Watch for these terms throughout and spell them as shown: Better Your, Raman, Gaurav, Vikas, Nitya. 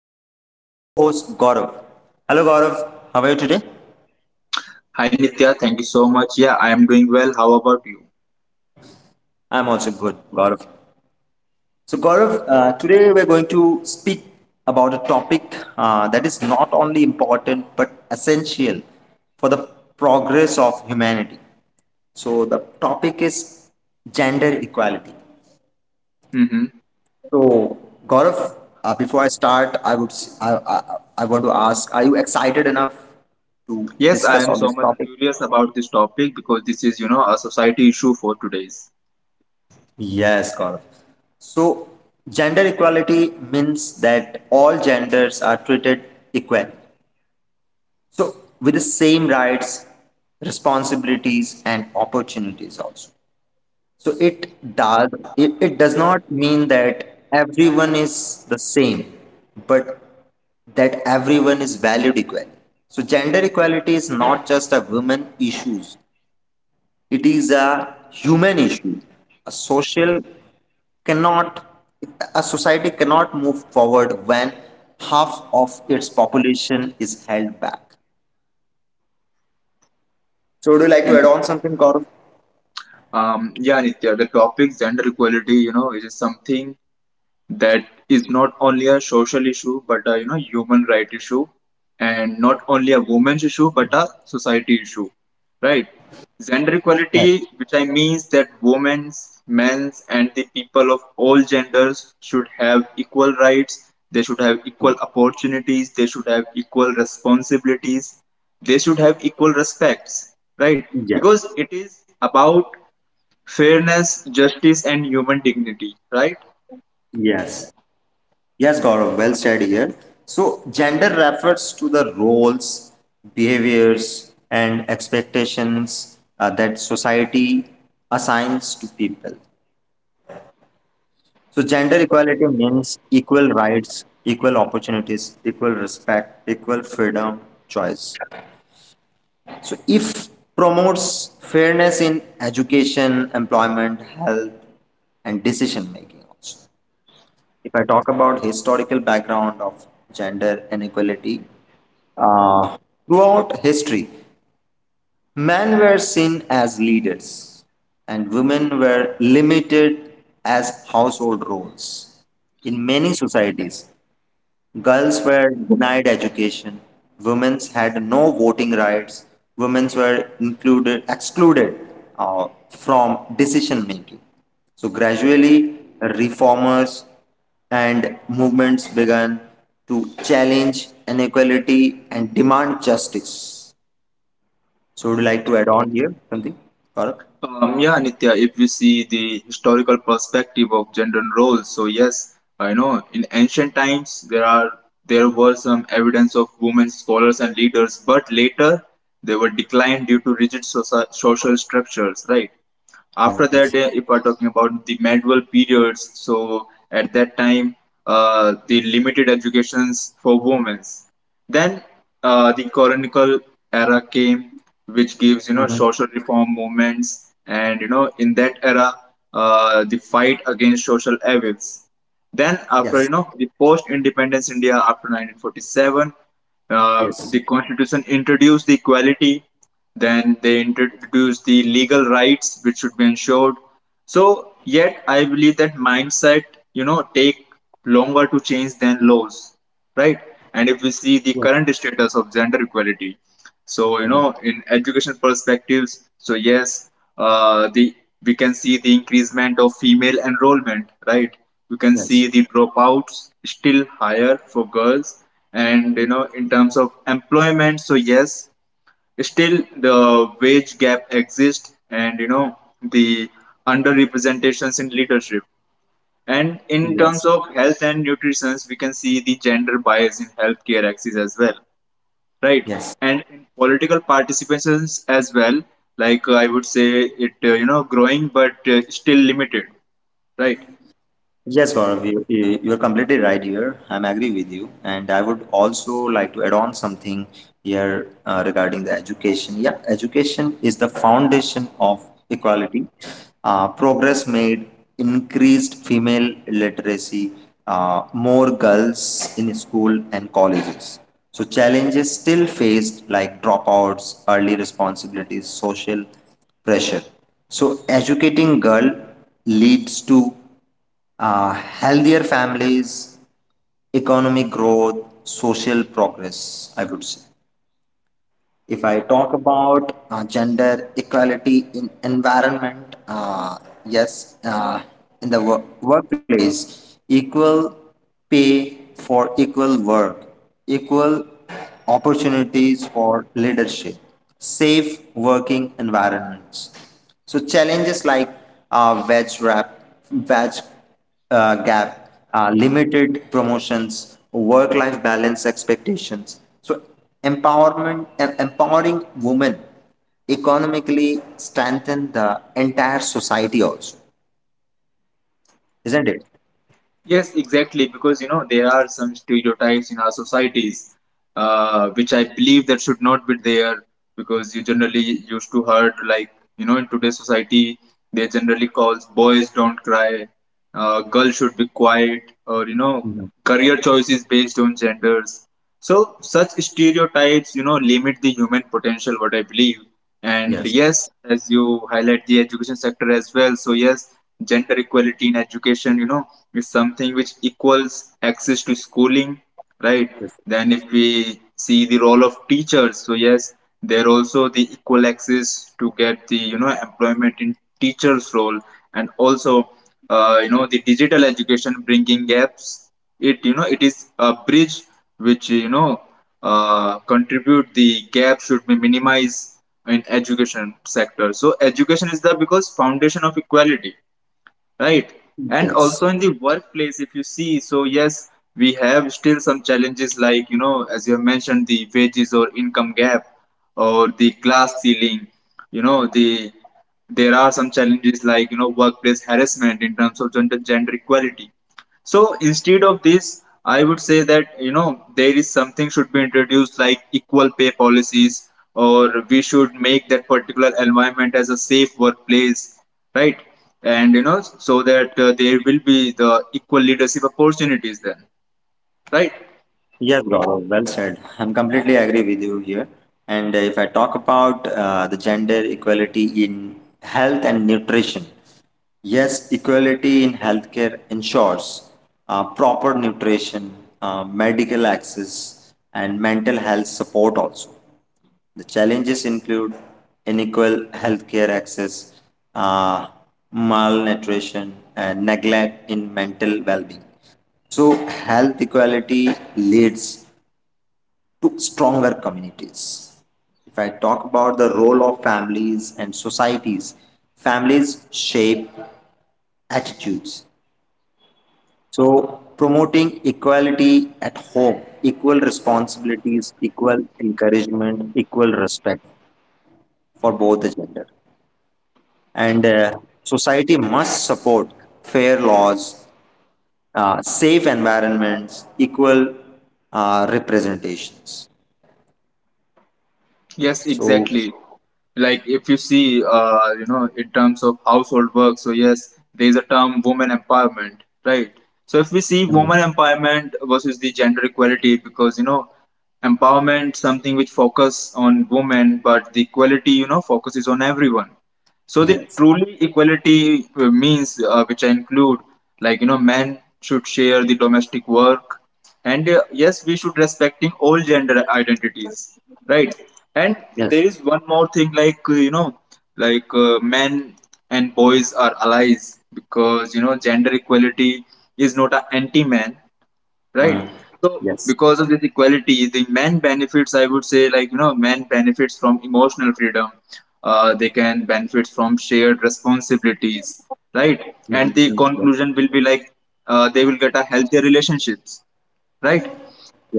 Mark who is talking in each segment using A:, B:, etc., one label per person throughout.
A: with my co-host Gaurav. Hello Gaurav, how are you today?
B: Hi Nitya, thank you so much. Yeah, I am doing well. How about you?
A: I'm also good, Gaurav. So Gaurav, today we're going to speak about a topic that is not only important but essential for the progress of humanity. So the topic is gender equality.
B: Mm-hmm.
A: So, Gaurav, before I start, I would s- I want to ask: Are you excited enough to
B: Yes, I
A: discuss
B: am
A: on
B: so
A: this
B: much
A: topic?
B: curious about this topic because this is, you know, a society issue for today's.
A: Yes, Gaurav. So, gender equality means that all genders are treated equally. So, with the same rights, responsibilities, and opportunities also. So it does not mean that everyone is the same, but that everyone is valued equally. So gender equality is not just a women issues; it is a human issue. A social cannot a society cannot move forward when half of its population is held back. So would you like to add
B: Mhm.
A: on something, Gaurav?
B: Yeah, Nitya, the topic gender equality, you know, is something that is not only a social issue but a you know human right issue and not only a woman's issue but a society issue, right. Gender equality, which I means that women's, men's and the people of all genders should have equal rights, they should have equal opportunities, they should have equal responsibilities, they should have equal respects, right,
A: Yeah.
B: because it is about fairness, justice and human dignity, right.
A: Yes. Yes, Gaurav, well said here. So, gender refers to the roles, behaviors, and expectations that society assigns to people. So, gender equality means equal rights, equal opportunities, equal respect, equal freedom, choice. So, if promotes fairness in education, employment, health, and decision making also. If I talk about historical background of gender inequality, Uh, throughout history, men were seen as leaders and women were limited as household roles. In many societies, girls were denied education, women had no voting rights, women were included, excluded from decision making. So gradually, reformers and movements began to challenge inequality and demand justice. So would you like to add on here something, Gaurav?
B: Yeah, Nitya, if we see the historical perspective of gender roles, so yes, I know in ancient times there were some evidence of women scholars and leaders, but later they were declined due to rigid social structures, right?
A: Yes.
B: After that if we're talking about the medieval periods, so at that time the limited educations for women, then the colonial era came, which gives you
A: Mm-hmm.
B: know social reform movements, and you know in that era, the fight against social evils. Then
A: Yes.
B: after you know the post-independence India after 1947,
A: Yes.
B: the constitution introduced the equality, then they introduced the legal rights which should be ensured. So, yet I believe that mindset, you know, take longer to change than laws, right? And if we see the
A: Yes.
B: current status of gender equality, so you
A: Um,
B: know, in education perspectives, so yes, the we can see the increasement of female enrollment, right? We can see
A: yes.
B: the dropouts still higher for girls, and you know, in terms of employment, so yes, still the wage gap exists, and you know the underrepresentations in leadership, and in terms
A: Yes.
B: of health and nutrition we can see the gender bias in healthcare axis as well, right,
A: Yes.
B: and in political participations as well. Like I would say it you know growing but still limited, right.
A: Yes, Gaurav, you're completely right here. I'm agree with you, and I would also like to add on something here regarding the education. Yeah, education is the foundation of equality. Progress made increased female literacy, more girls in school and colleges. So challenges still faced like dropouts, early responsibilities, social pressure. So educating girl leads to healthier families, economic growth, social progress, I would say. If I talk about gender equality in environment, yes, in the workplace, equal pay for equal work, equal opportunities for leadership, safe working environments. So challenges like wage wrap, wage gap, limited promotions, work-life balance expectations. So empowering women economically strengthen the entire society also, isn't it?
B: Yes, exactly. Because you know there are some stereotypes in our societies, which I believe that should not be there. Because you generally used to heard like you know in today's society they generally calls boys don't cry, girls should be quiet, or you know career choices based on genders. So such stereotypes, you know, limit the human potential, what I believe. And
A: Yes.
B: yes, as you highlight the education sector as well. So yes, gender equality in education, you know, is something which equals access to schooling, right?
A: Yes.
B: Then if we see the role of teachers, so yes, they're also the equal access to get the, you know, employment in teachers role, and also, you know, the digital education bringing gaps. It, you know, it is a bridge which you know contribute the gap should be minimized in education sector. So education is the because foundation of equality, right. And
A: Yes.
B: also in the workplace if you see, so yes, we have still some challenges like you know as you have mentioned the wages or income gap or the glass ceiling, you know there are some challenges like you know workplace harassment in terms of gender equality. So instead of this, I would say that you know there is something should be introduced like equal pay policies, or we should make that particular environment as a safe workplace, right? And you know so that there will be the equal leadership opportunities then, right?
A: Yes, Gaurav, well said. I'm completely agree with you here. And if I talk about the gender equality in health and nutrition, yes, equality in healthcare ensures proper nutrition, medical access, and mental health support also. The challenges include unequal healthcare access, uh, malnutrition, and neglect in mental well being. So, health equality leads to stronger communities. If I talk about the role of families and societies, families shape attitudes. So, promoting equality at home, equal responsibilities, equal encouragement, equal respect for both the gender. And society must support fair laws, safe environments, equal representations.
B: Yes,
A: So,
B: exactly. Like if you see, you know, in terms of household work, so yes, there is a term women empowerment, right? So if we see
A: mm,
B: women empowerment versus the gender equality, because you know, empowerment something which focus on women, but the equality, you know, focuses on everyone. So the
A: yes,
B: truly equality means which I include, like you know men should share the domestic work, and yes we should respecting all gender identities, right. And there
A: yes,
B: is one more thing like you know, like men and boys are allies because you know gender equality is not an anti man, right. So
A: yes,
B: because of this equality the men benefits, I would say like you know men benefits from emotional freedom, they can benefit from shared responsibilities, right. And
A: Mhm.
B: the
A: Yes,
B: conclusion will be like they will get a healthier relationships, right?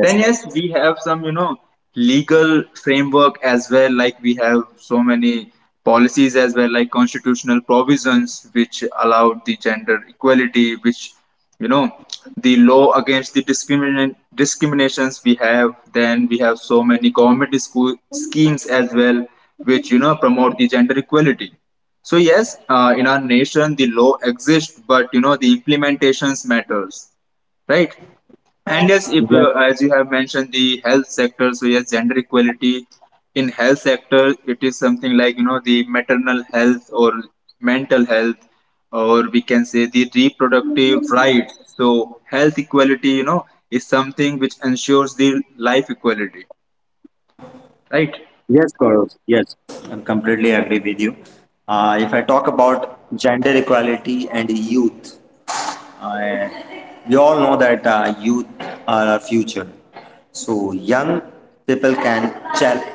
B: Then yes, we have some, you know, legal framework as well. Like we have so many policies as well, like constitutional provisions which allowed the gender equality, which you know, the law against the discriminations we have. Then we have so many government school schemes as well, which you know promote the gender equality. So yes, in our nation the law exists, but you know the implementations matters, right? And yes, if
A: yes,
B: as you have mentioned the health sector, so yes, gender equality in health sector, it is something like you know the maternal health or mental health, or we can say the reproductive rights. So health equality, you know, is something which ensures the life equality, right?
A: yes, Gaurav, yes, I'm completely agree with you. If I talk about gender equality and youth, I, we all know that youth are our future. So young people can challenge.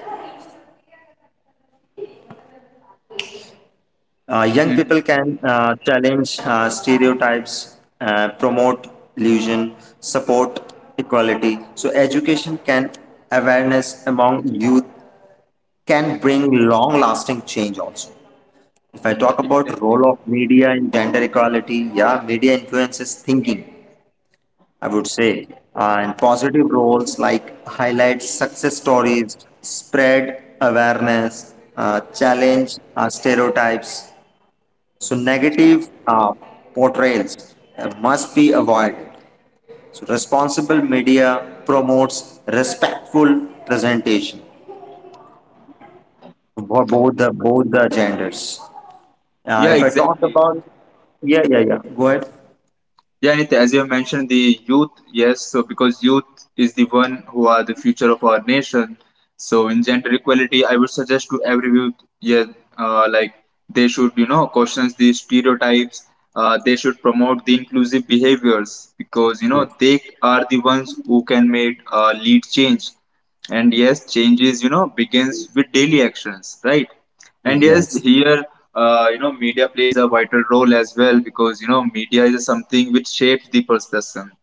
A: Young
B: Hmm.
A: people can challenge stereotypes, promote illusion, support equality. So education can awareness among youth can bring long-lasting change also. If I talk about
B: Exactly.
A: role of media in gender equality, yeah, media influences thinking. I would say, and positive roles like highlight success stories, spread awareness, challenge stereotypes, so negative portrayals must be avoided. So responsible media promotes respectful presentation for both the genders.
B: Yeah,
A: If I talk
B: exactly.
A: about yeah yeah yeah go ahead.
B: Yeah, Nitya, as you have mentioned, the youth, yes, so because youth is the one who are the future of our nation. So in gender equality, I would suggest to every youth, yeah, like they should, you know, question these stereotypes. They should promote the inclusive behaviors because you know
A: Yes.
B: they are the ones who can make lead change. And yes, changes, you know, begins with daily actions, right? And yes,
A: Yes.
B: here, you know, media plays a vital role as well because, you know, media is something which shapes the perception,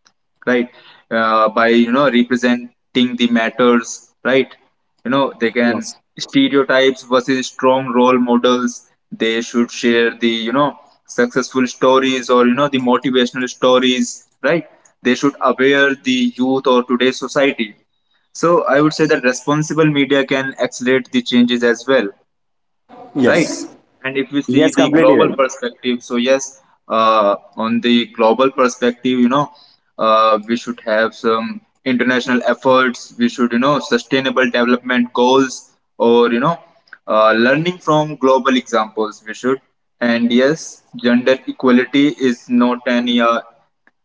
B: right? By, you know, representing the matters, right? You know, they can
A: Yes.
B: stereotypes versus strong role models. They should share the, you know, successful stories or, you know, the motivational stories, right? They should aware the youth or today's society. So I would say that responsible media can accelerate the changes as well, right?
A: Yes,
B: And if you see
A: yes,
B: the
A: completely
B: global
A: right.
B: perspective, so yes, on the global perspective, you know, we should have some international efforts. We should, you know, sustainable development goals, or you know, learning from global examples. We should, and yes, gender equality is not an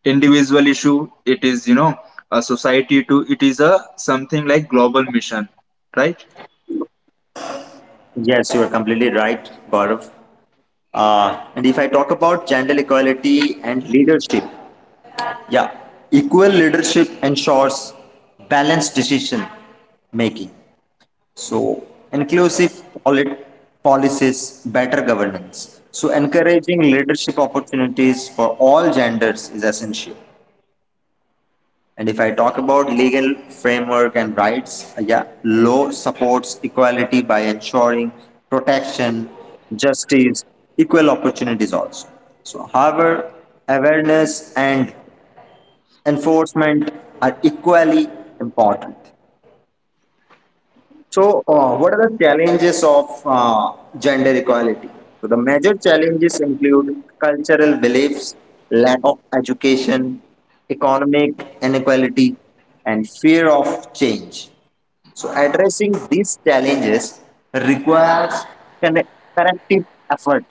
B: individual issue. It is, you know, a society too. It is a something like global mission, right?
A: Yes, you are completely right, Gaurav. And if I talk about gender equality and leadership, yeah, equal leadership ensures balanced decision making. So, inclusive polit- policies, better governance. So, encouraging leadership opportunities for all genders is essential. And if I talk about legal framework and rights, yeah, law supports equality by ensuring protection, justice, equal opportunities also. So, however, awareness and enforcement are equally important. So, what are the challenges of gender equality? So, the major challenges include cultural beliefs, lack of education, economic inequality, and fear of change. So, addressing these challenges requires conne- corrective effort.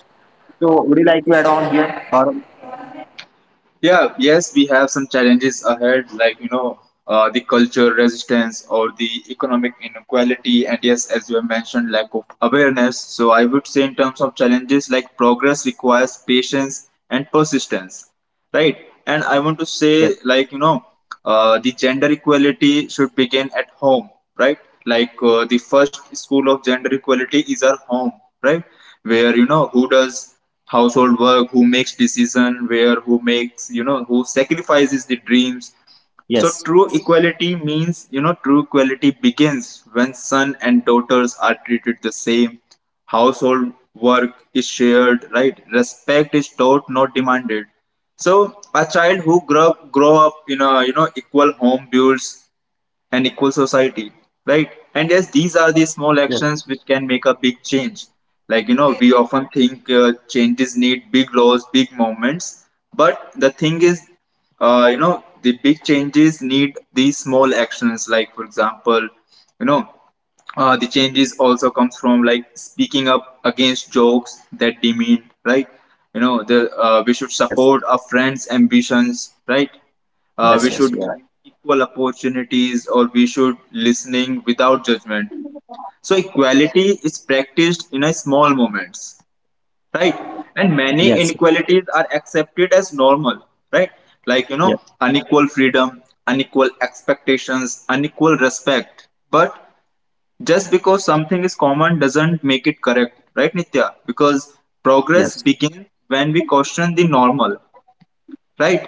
A: So, would you like to add on here? Or
B: Yeah, yes, we have some challenges ahead, like you know, the culture resistance or the economic inequality, and yes, as you have mentioned, lack of awareness. So I would say, in terms of challenges, like progress requires patience and persistence, right. And I want to say
A: yes,
B: like you know the gender equality should begin at home, right. Like the first school of gender equality is our home, right, where you know who does household work, who makes decision where, who makes you know who sacrifices the dreams. So
A: yes,
B: true equality means, you know, true equality begins when son and daughters are treated the same. Household work is shared, right? Respect is taught, not demanded. So a child who grow up in a you know equal home builds and equal society, right. And yes these are the small
A: yes,
B: actions which can make a big change. Like you know we often think changes need big laws, big movements, but the thing is you know the big changes need these small actions. Like for example, you know, the changes also comes from like speaking up against jokes that demean, right? You know, the we should
A: yes,
B: support our friends' ambitions, right? We
A: yes, yes,
B: should
A: yeah,
B: give
A: yes,
B: equal opportunities, or we should listening without judgment. So equality is practiced in a small moments, right? And many
A: yes.
B: inequalities are accepted as normal, right? Like you know,
A: Yes.
B: unequal freedom, unequal expectations, unequal respect, but just because something is common doesn't make it correct, right, nitya, because progress
A: Yes.
B: begins when we question the normal, right.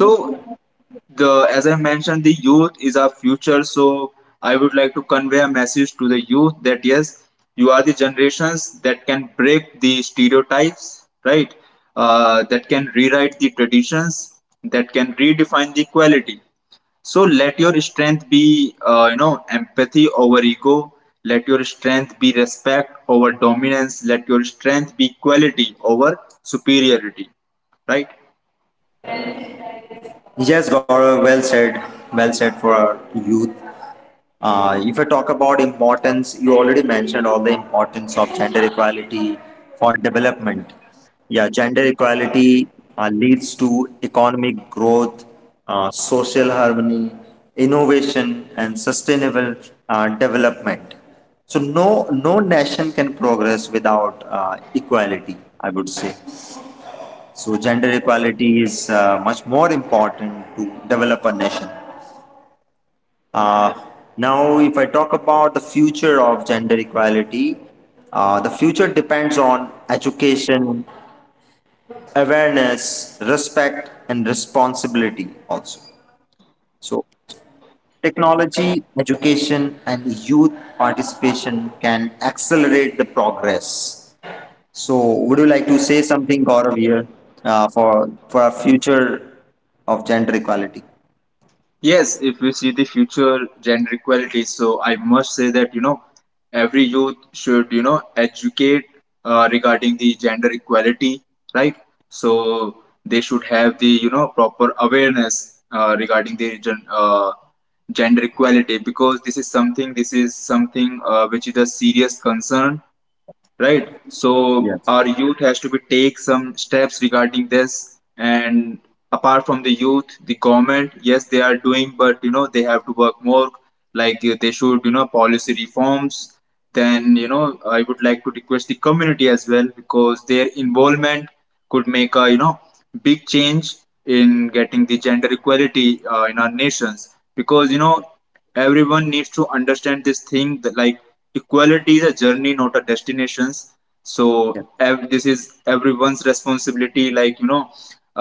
B: So the as I mentioned the youth is our future. So I would like to convey a message to the youth that yes you are the generations that can break the stereotypes, right, that can rewrite the traditions, that can redefine the quality. So let your strength be, you know, empathy over ego. Let your strength be respect over dominance. Let your strength be equality over superiority. Right?
A: Yes, Gaurav, well said. Well said for our youth. If I talk about importance, you already mentioned all the importance of gender equality for development. Yeah, gender equality leads to economic growth, social harmony, innovation, and sustainable development. So no nation can progress without equality, I would say. So gender equality is much more important to develop a nation. Now, if I talk about the future of gender equality, the future depends on education, awareness, respect, and responsibility also. So, technology, education, and youth participation can accelerate the progress. So, would you like to say something, Gaurav, here for our future of gender equality?
B: Yes, if we see the future gender equality, so I must say that you know every youth should you know educate regarding the gender equality, right? So they should have the you know proper awareness regarding the gender equality because this is something which is a serious concern, right. So
A: Yes.
B: our youth has to be take some steps regarding this. And apart from the youth the government, yes they are doing, but you know they have to work more. Like they should you know policy reforms. Then you know I would like to request the community as well because their involvement could make a you know big change in getting the gender equality in our nations because you know everyone needs to understand this thing that like equality is a journey, not a destination. So this is everyone's responsibility, like you know,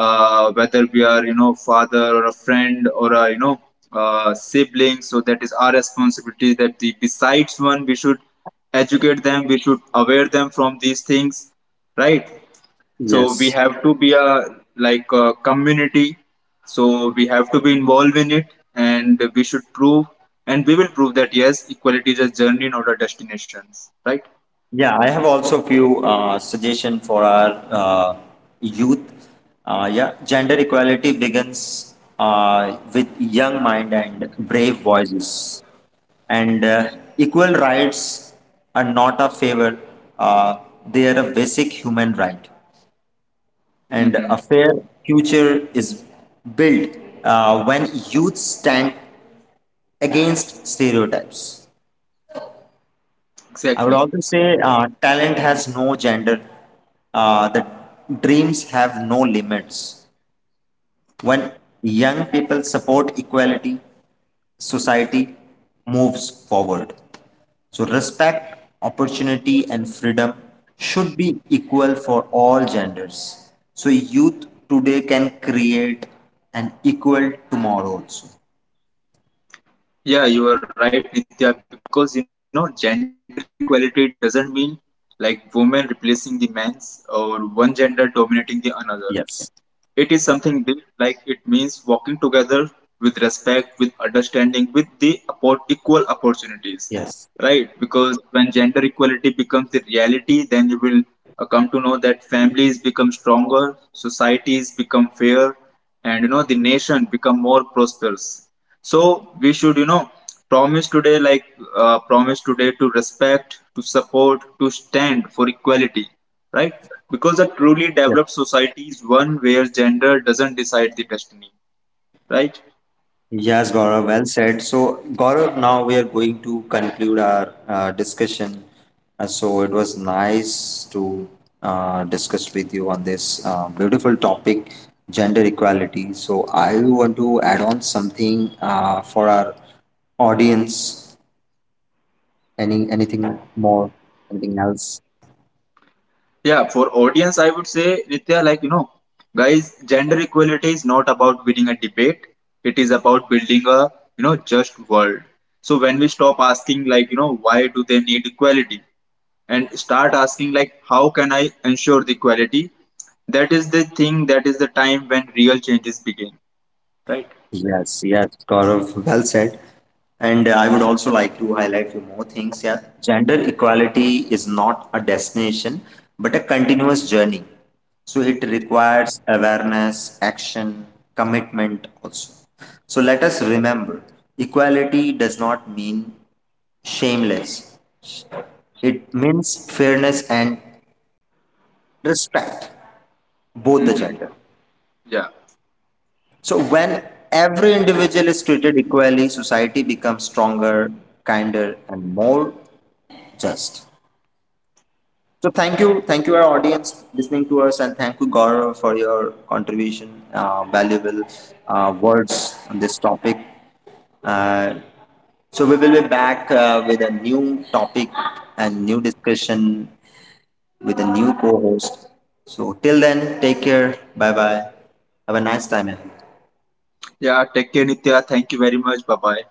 B: whether we are you know father or a friend or a you know sibling. So that is our responsibility that the besides one we should educate them, we should aware them from these things, right. So we
A: Yes.
B: have to be a like a community. So we have to be involved in it, and we should prove, and we will prove that yes equality is a journey, not a destination, right.
A: Yeah, I have also few suggestion for our youth. Yeah, gender equality begins with young mind and brave voices, and equal rights are not a favor; uh, they are a basic human right. And
B: Mm-hmm.
A: a fair future is built when youth stand against stereotypes. I would
B: Exactly.
A: also say talent has no gender. The dreams have no limits. When young people support equality, society moves forward. So, respect, opportunity, and freedom should be equal for all genders. So, youth today can create an equal tomorrow also.
B: Yeah, you are right, nitya, because you know gender equality doesn't mean like women replacing the men's or one gender dominating the another. It is
A: Yes.
B: something big, like it means walking together with respect, with understanding, with the equal opportunities, right?
A: Yes.
B: Because when gender equality becomes the reality, then you will come to know that families become stronger, societies become fair, and you know the nation become more prosperous. So we should, you know, promise today, like promise today to respect, to support, to stand for equality, right? Because a truly developed society is one where gender doesn't decide the destiny, right?
A: Yes, Gaurav, well said. So, Gaurav, now we are going to conclude our discussion. So, it was nice to discuss with you on this beautiful topic, gender equality. So, I want to add on something for our audience. Anything more? Anything else?
B: Yeah, for audience, I would say, Nitya, like, you know, guys, gender equality is not about winning a debate. It is about building a, you know, just world. So when we stop asking, like, you know, why do they need equality? And start asking, like, how can I ensure the equality? That is the thing, that is the time when real changes begin, right?
A: Yes, yes, Gaurav, well said. And I would also like to highlight few more things. Yeah, gender equality is not a destination, but a continuous journey. So it requires awareness, action, commitment also. So let us remember, equality does not mean shameless. It means fairness and respect both the
B: Mm-hmm.
A: gender.
B: Yeah.
A: So when every individual is treated equally, society becomes stronger, kinder, and more just. So thank you our audience listening to us, and thank you Gaurav for your contribution, valuable words on this topic. Uh, so we will be back with a new topic and new discussion with a new co-host. So till then, take care. Bye bye. Have a nice time ahead.
B: Yeah, take care, Nitya. Thank you very much. Bye bye.